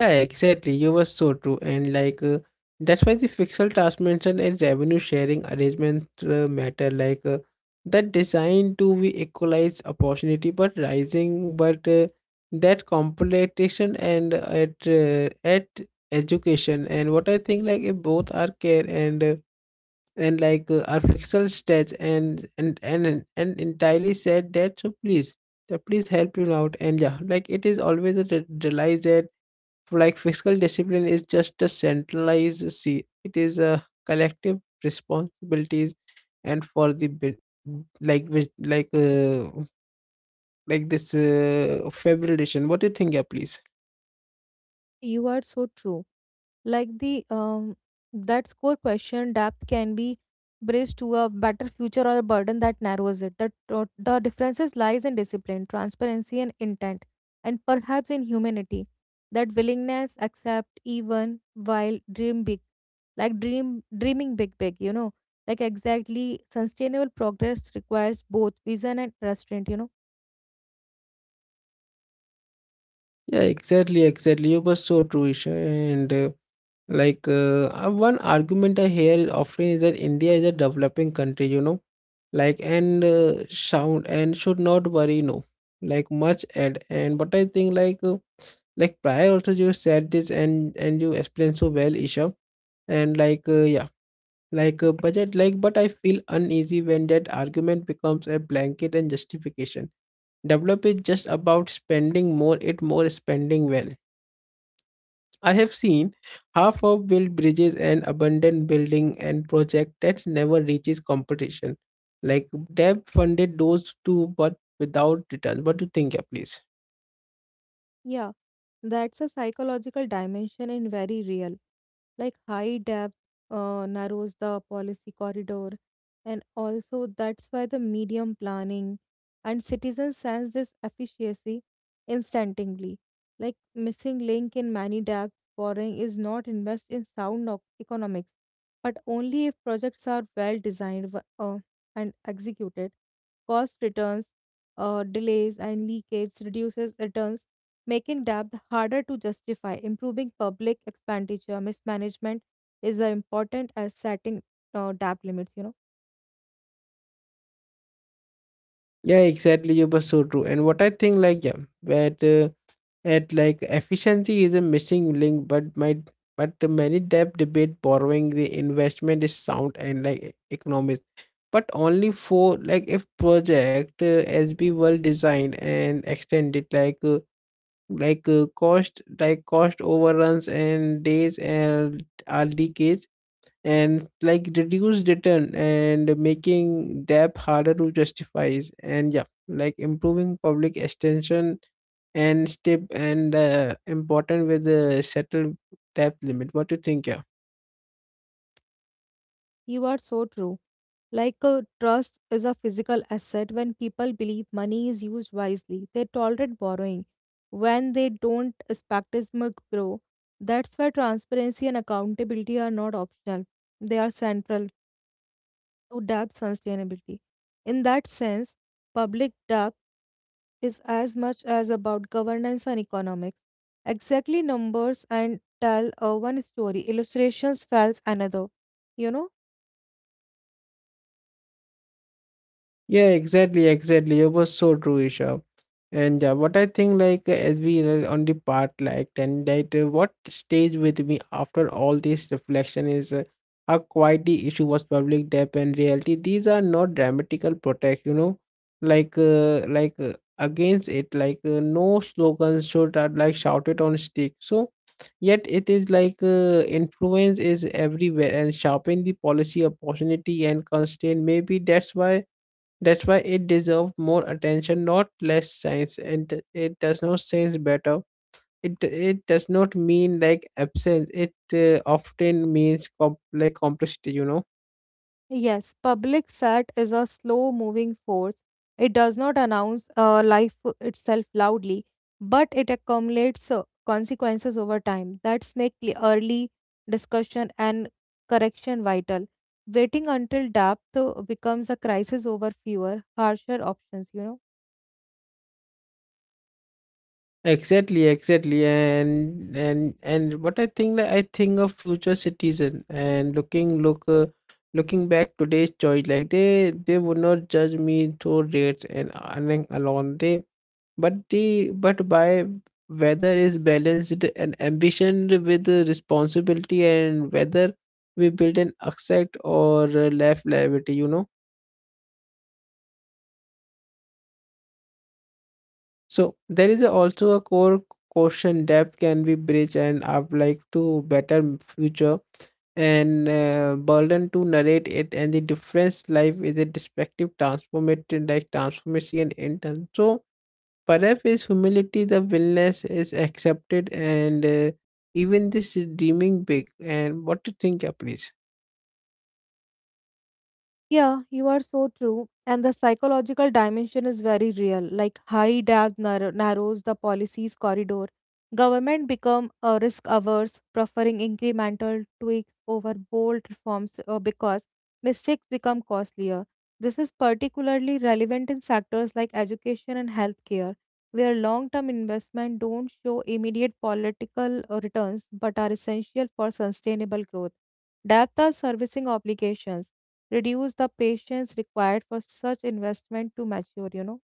[SPEAKER 1] Yeah, exactly. You were so true, and like that's why the fixed task mention and revenue sharing arrangement matter. Like that designed to be equalize opportunity, but rising, but that competition and at education. And what I think, like, if both are care and like our fictional stats and entirely said that. So please, so please help him out. And yeah, like it is always realize that like fiscal discipline is just a centralized, see, it is a collective responsibilities and for the like which like this February edition. What do you think, yeah, please?
[SPEAKER 2] you are so true. Like the that score question depth can be braced to a better future or a burden that narrows it, the differences lies in discipline transparency and intent and perhaps in humanity that willingness accept even while dream big, like dreaming big, you know. Like exactly sustainable progress requires both vision and restraint, you know.
[SPEAKER 1] Yeah, exactly, exactly. You were so true, Isha. And like one argument I hear is often is that India is a developing country, you know, like and sound and should not worry, no, like much at. And but I think like prior also you said this and you explained so well, Isha. And like yeah, like a budget like but I feel uneasy when that argument becomes a blanket and justification. Develop is just about spending more, it more spending well. I have seen half of built bridges and abandoned building and project that never reaches competition. Like Deb funded those two but without return. What do you think, yeah, please?
[SPEAKER 2] Yeah, that's a psychological dimension in very real. Like high depth narrows the policy corridor, and also that's why the medium planning and citizens sense this efficiency instantaly. Like missing link in many depths borrowing is not invest in sound economics, but only if projects are well designed and executed. Cost returns, delays, and leakage reduces returns making debt harder to justify. Improving public expenditure mismanagement is as important as setting debt limits. You know,
[SPEAKER 1] Yeah, exactly. You were so true. And what I think, like, yeah, that at like efficiency is a missing link, but my but many debt debate borrowing the investment is sound and like economics, but only for like if project as be well designed and extended. Like cost like cost overruns and days and are decades and like reduce return and making debt harder to justify. And yeah, like improving public extension and step and important with the settled debt limit. What do you think, yeah?
[SPEAKER 2] you are so true. Like trust is a physical asset when people believe money is used wisely, they tolerate borrowing. When they don't, skepticism grow. That's why transparency and accountability are not optional; they are central to debt sustainability. In that sense, public debt is as much as about governance and economics. Exactly numbers and tell one story, illustrations tells another. You know.
[SPEAKER 1] Yeah, exactly, exactly. It was so true, Isha. And what I think, like as we are on the part, like, and that what stays with me after all this reflection is how quite the issue was public debt and reality. These are not dramatical protest, you know, like against it, like no slogans should are like shouted on stick. So yet it is like influence is everywhere and sharpen the policy opportunity and constraint. Maybe that's why it deserves more attention, not less science. And it does not sense better. It does not mean like absence. It often means like complexity. You know.
[SPEAKER 2] Yes, public sat is a slow moving force. It does not announce life itself loudly, but it accumulates consequences over time. That's make the early discussion and correction vital. Waiting until depth becomes a crisis over fewer, harsher options, you know.
[SPEAKER 1] Exactly, exactly, and what I think, like, I think of future citizen and look, looking back today's choice, like they would not judge me through rates and earning alone. They, but by whether is balanced and ambition with the responsibility and whether we build an asset or left liability, you know. So there is a, also a core question, depth can be bridged and up like to better future and burden to narrate it, and the difference life is a destructive transformative like transformation in terms. So perhaps is humility, the willingness is accepted and even this is deeming big. And what to think, please?
[SPEAKER 2] Yeah, you are so true. And the psychological dimension is very real. Like high debt narrows the policy's corridor. Government become risk averse, preferring incremental tweaks over bold reforms because mistakes become costlier. This is particularly relevant in sectors like education and healthcare, where long-term investment don't show immediate political returns but are essential for sustainable growth. Debt are servicing obligations reduce the patience required for such investment to mature, you know.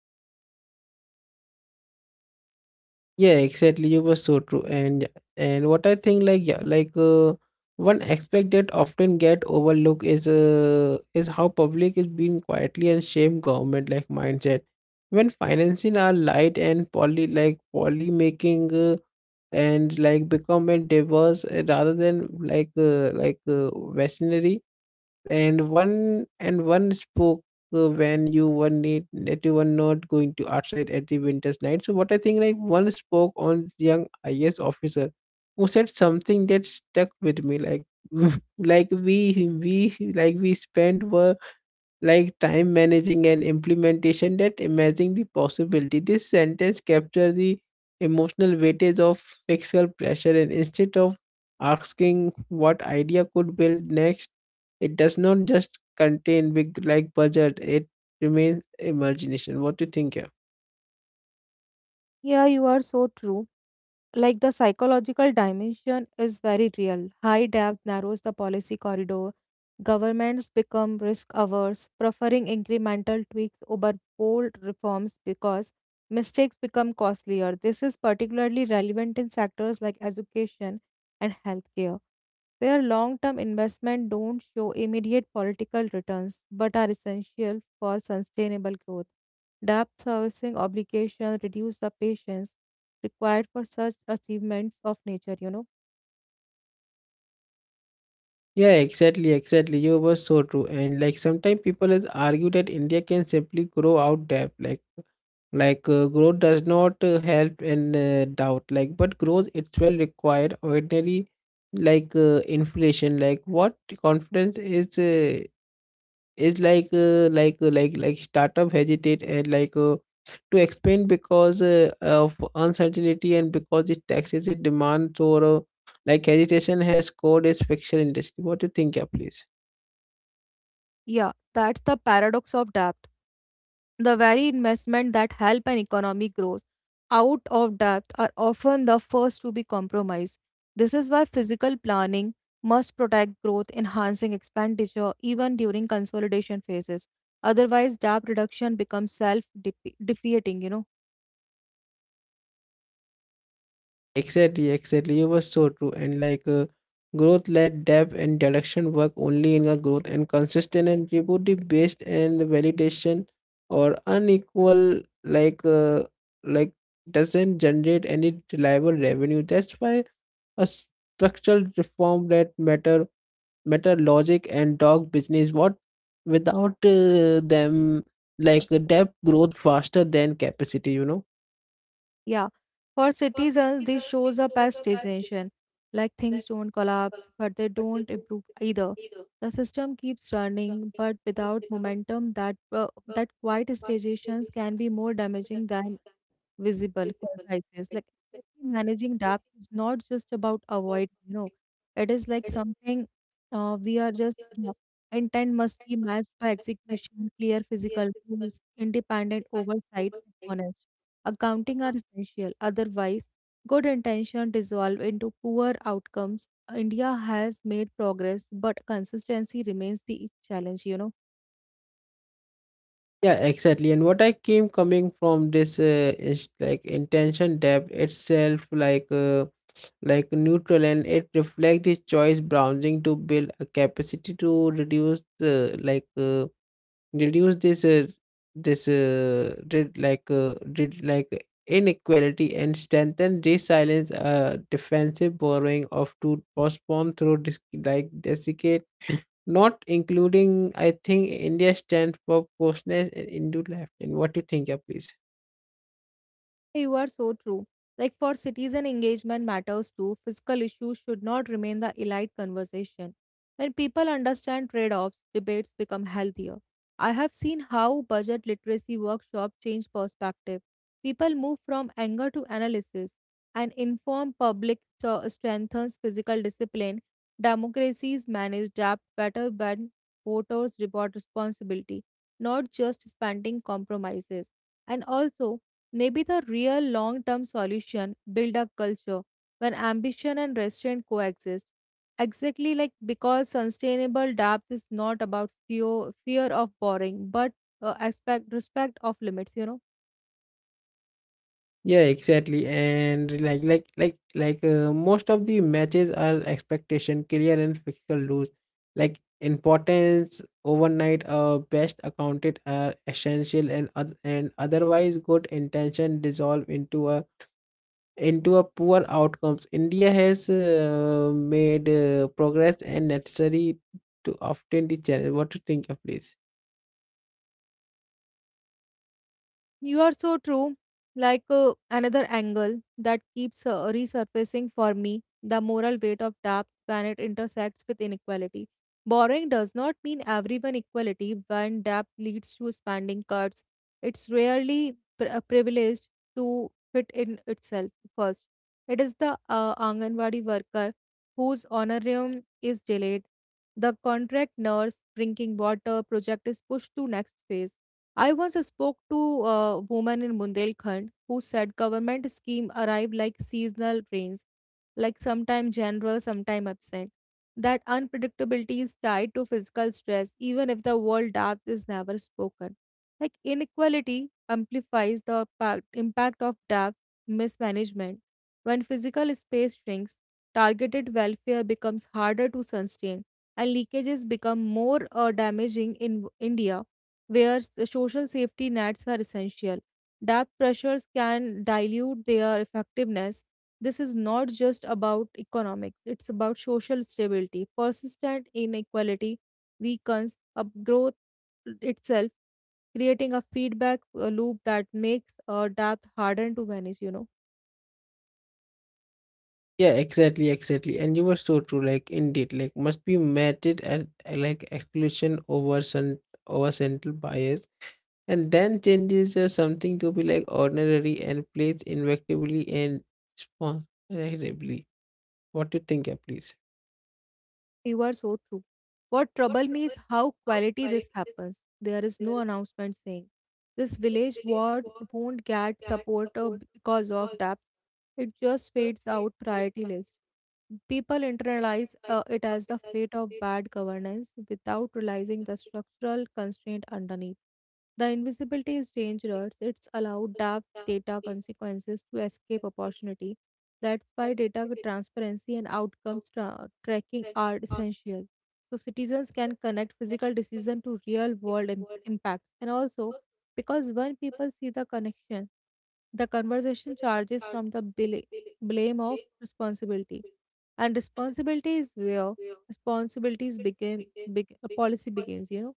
[SPEAKER 1] Yeah, exactly. You were so true. And what I think, like, yeah, like one aspect that often get overlooked is is how public is being quietly and shame government like mindset. When financing are light and poly making and like become a diverse rather than like visionary. And one spoke when you were need that you were not going to outside at the winter's night. So what I think, like, one spoke on young IAS officer who said something that stuck with me, like like we spent were like time managing and implementation that imagine the possibility. This sentence captures the emotional weightage of fiscal pressure, and instead of asking what idea could build next, it does not just contain big like budget, it remains imagination. What do you think here?
[SPEAKER 2] Yeah, you are so true. Like the psychological dimension is very real. High debt narrows the policy corridor. Governments become risk averse, preferring incremental tweaks over bold reforms because mistakes become costlier. This is particularly relevant in sectors like education and healthcare, where long term investment don't show immediate political returns but are essential for sustainable growth. Debt servicing obligations reduce the patience required for such achievements of nature, you know.
[SPEAKER 1] Yeah, exactly, exactly. You were so true. And like sometimes people has argue that India can simply grow out debt. Like growth does not help in doubt, like but growth it's well required ordinary, like inflation, like what confidence is like like startup hesitate and like to expand because of uncertainty, and because it taxes it demands, or like hesitation has code is fiction industry. What do you think, yeah, please?
[SPEAKER 2] Yeah, that's the paradox of depth. The very investment that help an economy grows out of depth are often the first to be compromised. This is why physical planning must protect growth, enhancing expenditure even during consolidation phases. Otherwise, debt reduction becomes self-defeating, you know.
[SPEAKER 1] Exactly, exactly. You were so true. And like growth led depth and direction work only in a growth and consistent and beauty based and validation or unequal, like like doesn't generate any reliable revenue. That's why a structural reform that matter logic and dog business, what without them, like depth growth faster than capacity, you know.
[SPEAKER 2] Yeah, for citizens, this shows up as stagnation, like things don't collapse, but they don't improve either. The system keeps running, but without momentum, that quiet stagnations can be more damaging than visible crisis. Like exactly, managing debt is not just about avoid, you know, it is like something we are just yeah, intent must be matched by execution, clear physical rules, independent oversight, and honest. Accounting are essential. Otherwise, good intention dissolve into poor outcomes. India has made progress, but consistency remains the challenge, you know.
[SPEAKER 1] Yeah, exactly. And what I came coming from this is like intention depth itself, like neutral, and it reflects the choice browsing to build a capacity to reduce the like reduce this this re- like inequality and strengthen resilience. Defensive borrowing of to postpone through like desiccate, not including. I think India stands for closeness and Hindu life. And what do you think, yeah, please?
[SPEAKER 2] You are so true. Like for citizen engagement matters too, fiscal issues should not remain the elite conversation. When people understand trade offs, debates become healthier. I have seen how budget literacy workshops change perspective. People move from anger to analysis. An informed public strengthens physical discipline. Democracies manage debt better when voters reward responsibility, not just spending compromises. And also, maybe the real long term solution build a culture where ambition and restraint coexist. Exactly like because sustainable depth is not about fear, fear of boring, but aspect, respect of limits, you know.
[SPEAKER 1] Yeah, exactly. And like most of the matches are expectation clear and physical rules. Like importance overnight best accounted are essential, and otherwise good intention dissolve into a poor outcomes. India has made progress and necessary to often the challenge. What do you think of, please?
[SPEAKER 2] You are so true. Like another angle that keeps resurfacing for me, the moral weight of debt when it intersects with inequality. Borrowing does not mean everyone equality when debt leads to spending cuts. It's rarely privileged to fit in itself first. It is the Anganwadi worker whose honorarium is delayed, the contract nurse drinking water project is pushed to next phase. I once spoke to a woman in Bundelkhand who said government scheme arrive like seasonal rains, like sometime generous, sometime absent. That unpredictability is tied to physical stress, even if the word depth is never spoken. Like inequality amplifies the impact of depth mismanagement. When physical space shrinks, targeted welfare becomes harder to sustain, and leakages become more damaging in India where social safety nets are essential. Death pressures can dilute their effectiveness. This is not just about economics, it's about social stability. Persistent inequality weakens growth itself, creating a feedback loop that makes a debt harder to manage, you know.
[SPEAKER 1] Yeah, exactly, exactly. And you were so true. Like indeed, like must be meted as like exclusion over central bias, and then changes something to be like ordinary and plays invectively and responsibly. What do you think, please?
[SPEAKER 2] You are so true. What trouble me is how quality this happens. There is no announcement saying this village ward won't get support because of depth. It just fades out priority list. People internalize it as the fate of bad governance without realizing the structural constraint underneath. The invisibility is dangerous. It's allowed dark data consequences to escape opportunity. That's why data transparency and outcomes tracking are essential. So citizens can connect physical decision to real world impacts. And also, because when people see the connection, the conversation charges from the blame of responsibility and responsibility is where responsibilities became big policy begins, you know.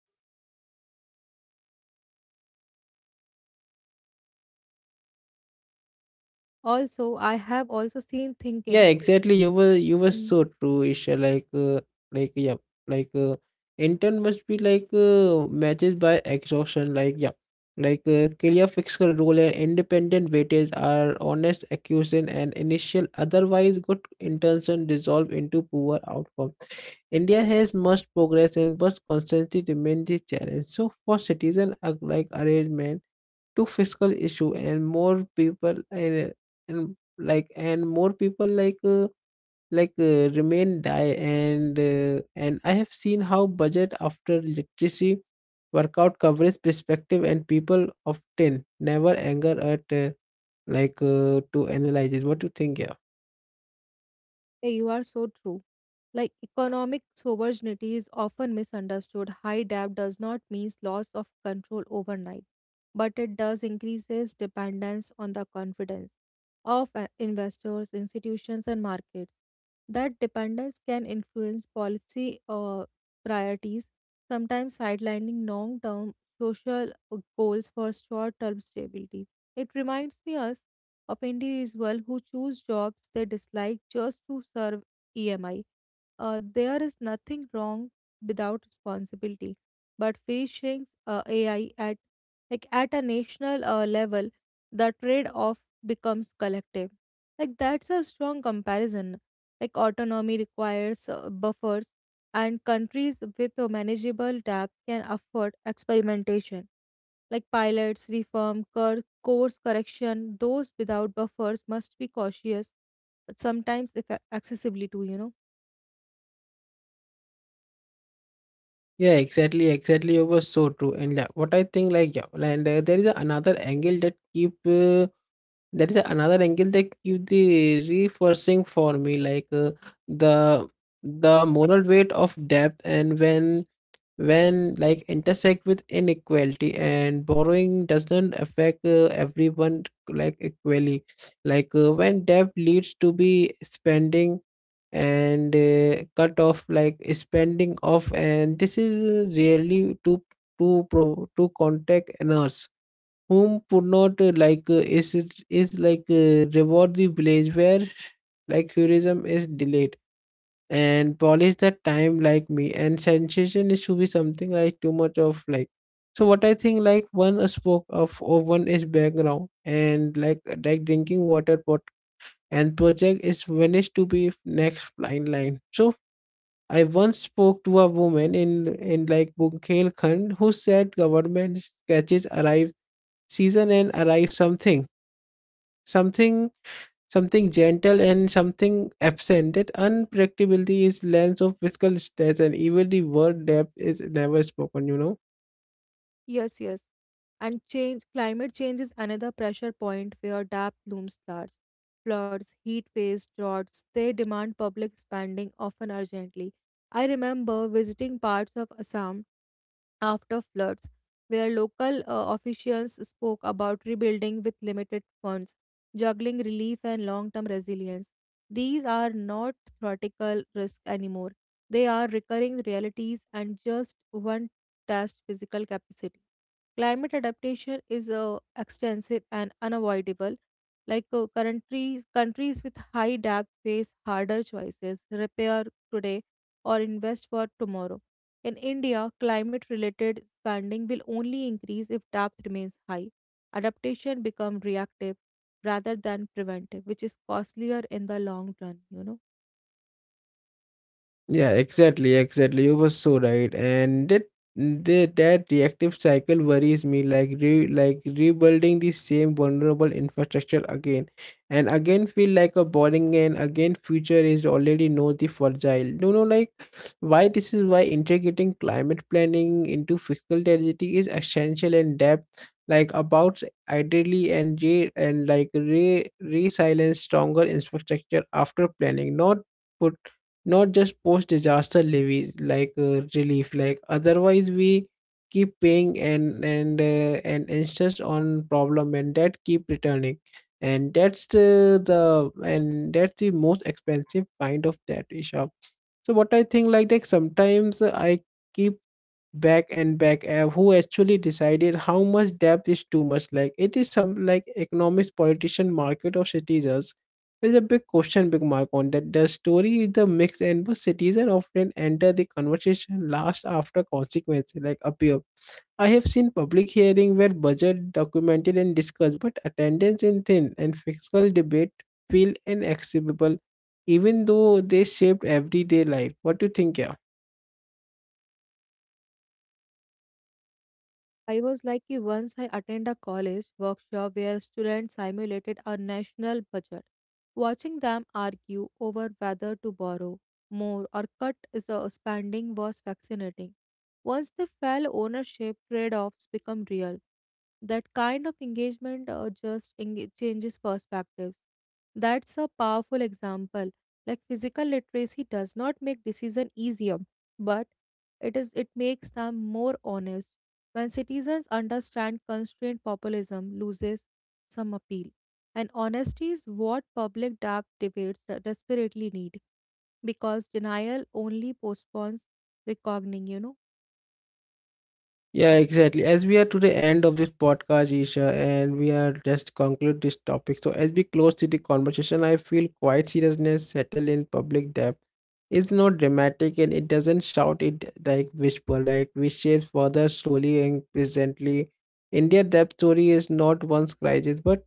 [SPEAKER 2] Also I have also seen
[SPEAKER 1] Yeah,
[SPEAKER 2] thinking.
[SPEAKER 1] exactly. You were
[SPEAKER 2] Mm.
[SPEAKER 1] so true, Isha. Like, yeah, like, intern must be like matches by exhaustion. Like, yeah, like clear fiscal rule and independent weightage are honest accusation and initial. Otherwise, good intention dissolve into poor outcome. India has much progress, and but constantly remain the challenge. So for citizen like arrangement to fiscal issue and more people and like and more people like remain die and I have seen how budget after literacy workout coverage perspective, and people often never anger at to analyze it. What do you think, yeah?
[SPEAKER 2] "Hey, you are so true. Like economic sovereignty is often misunderstood. High debt does not mean loss of control overnight, but it does increases dependence on the confidence of investors, institutions, and markets. That dependence can influence policy priorities, sometimes sidelining long-term social goals for short-term stability. It reminds me us of individuals who choose jobs they dislike just to serve EMI. There is nothing wrong without responsibility, but featuring AI at like at a national level, the trade-off becomes collective. Like that's a strong comparison. Like autonomy requires buffers, and countries with a manageable debt can afford experimentation like pilots, reform, course correction, those without buffers must be cautious, but sometimes if accessibly too, you know.
[SPEAKER 1] Yeah, exactly, exactly. It was so true, and yeah, what I think, like yeah, and there is another angle that keep the reinforcing for me, like the the moral weight of debt, and when like intersect with inequality and borrowing doesn't affect everyone like equally, like when debt leads to be spending and cut off like spending off and this is really to contact a nurse whom would not like is it is like reward the village where like tourism is delayed and polish the time like me and sensation is to be something like too much of like so what I think like one is spoke of or one is background and like drinking water pot and project is vanished to be next line. So I once spoke to a woman in like Bundelkhand who said government catches arrive season and arrive something something something gentle and something absent. That unpredictability is lens of fiscal stress and even the word depth is never spoken. You know.
[SPEAKER 2] Yes, yes. And change climate change is another pressure point where depth looms large. Floods, heat waves, droughts, they demand public spending often urgently. I remember visiting parts of Assam after floods, where local officials spoke about rebuilding with limited funds, juggling relief and long term resilience. These are not theoretical risks anymore, they are recurring realities and just one test physical capacity. Climate adaptation is extensive and unavoidable. Like countries with high debt face harder choices: repair today or invest for tomorrow in India, climate related spending will only increase if depth remains high. Adaptation becomes reactive rather than preventive, which is costlier in the long run, you know.
[SPEAKER 1] Yeah, exactly, exactly. You were so right, and that reactive cycle worries me. Like like rebuilding the same vulnerable infrastructure again, and again feel like a boring and again future is already know the fragile. You know, like why this is why integrating climate planning into fiscal strategy is essential and depth. Like about ideally and re, and like re resilience stronger infrastructure after planning, not just post disaster levies like relief like otherwise we keep paying and insist on problem and that keep returning and that's the most expensive kind of debt isha. So what I think like that sometimes I keep back who actually decided how much debt is too much, like it is some like economics politician market or citizens? There's a big question big mark on that. The story is the mix and the citizen often enter the conversation last after consequences like appear. I have seen public hearing where budget documented and discussed but attendance in thin and fiscal debate feel inaccessible, even though they shaped everyday life. What do you think, yeah?
[SPEAKER 2] I was like कि once I attend a college workshop where students simulated a national budget. Watching them argue over whether to borrow more or cut the spending was fascinating. Once they felt ownership trade-offs become real. That kind of engagement just enga- changes perspectives. That's a powerful example. Like physical literacy does not make decision easier, but it makes them more honest when citizens understand constrained populism loses some appeal, and honesty is what public debates desperately need because denial only postpones reckoning, you know.
[SPEAKER 1] Yeah, exactly. As we are to the end of this podcast, Isha, and we are just conclude this topic. So as we close to the conversation, I feel quite seriousness settle in public depth. It's not dramatic and it doesn't shout, it like whisper, right? We shapes further slowly and presently. India depth story is not one's crisis, but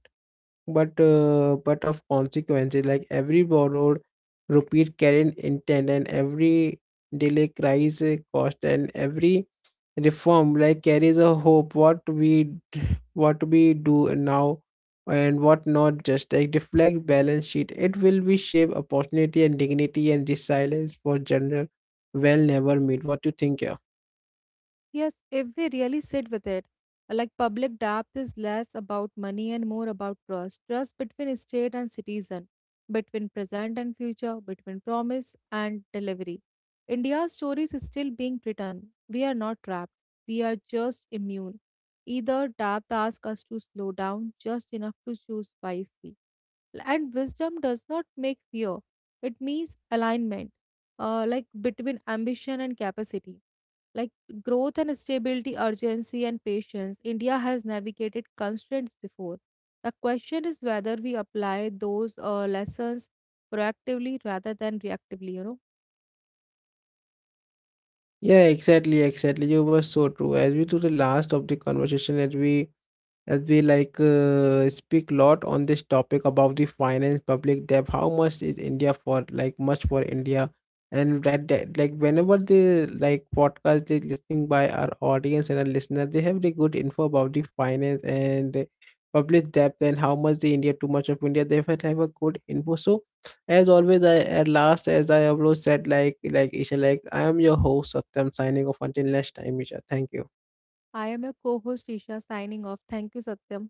[SPEAKER 1] but uh, but of consequences, like every borrowed rupee carried intent and every delay cries a cost and every reform like carries a hope. What we d- what we do now and what not just like deflect balance sheet, it will be shape opportunity and dignity and resilience for general well never meet. What you think, yeah?
[SPEAKER 2] Yes, if we really sit with it, like public debt is less about money and more about trust. Trust between state and citizen, between present and future, between promise and delivery. India's story is still being written. We are not trapped. We are just immune. Either debt asks us to slow down just enough to choose wisely, and wisdom does not make fear, it means alignment like between ambition and capacity, like growth and stability, urgency and patience. India has navigated constraints before. The question is whether we apply those lessons proactively rather than reactively, you know.
[SPEAKER 1] Yeah, exactly, exactly. You were so true. As we to the last of the conversation, as we like speak lot on this topic about the finance public debt, how much is india for like much for india, and that like whenever the like podcast is listening by our audience and our listener, they have the good info about the finance and public debt and how much the india too much of india, they have a good info. So as always I, at last, as I have always said, like isha, like I am your host satyam signing off until next time isha, thank you
[SPEAKER 2] I am your co-host Isha signing off. Thank you, Satyam.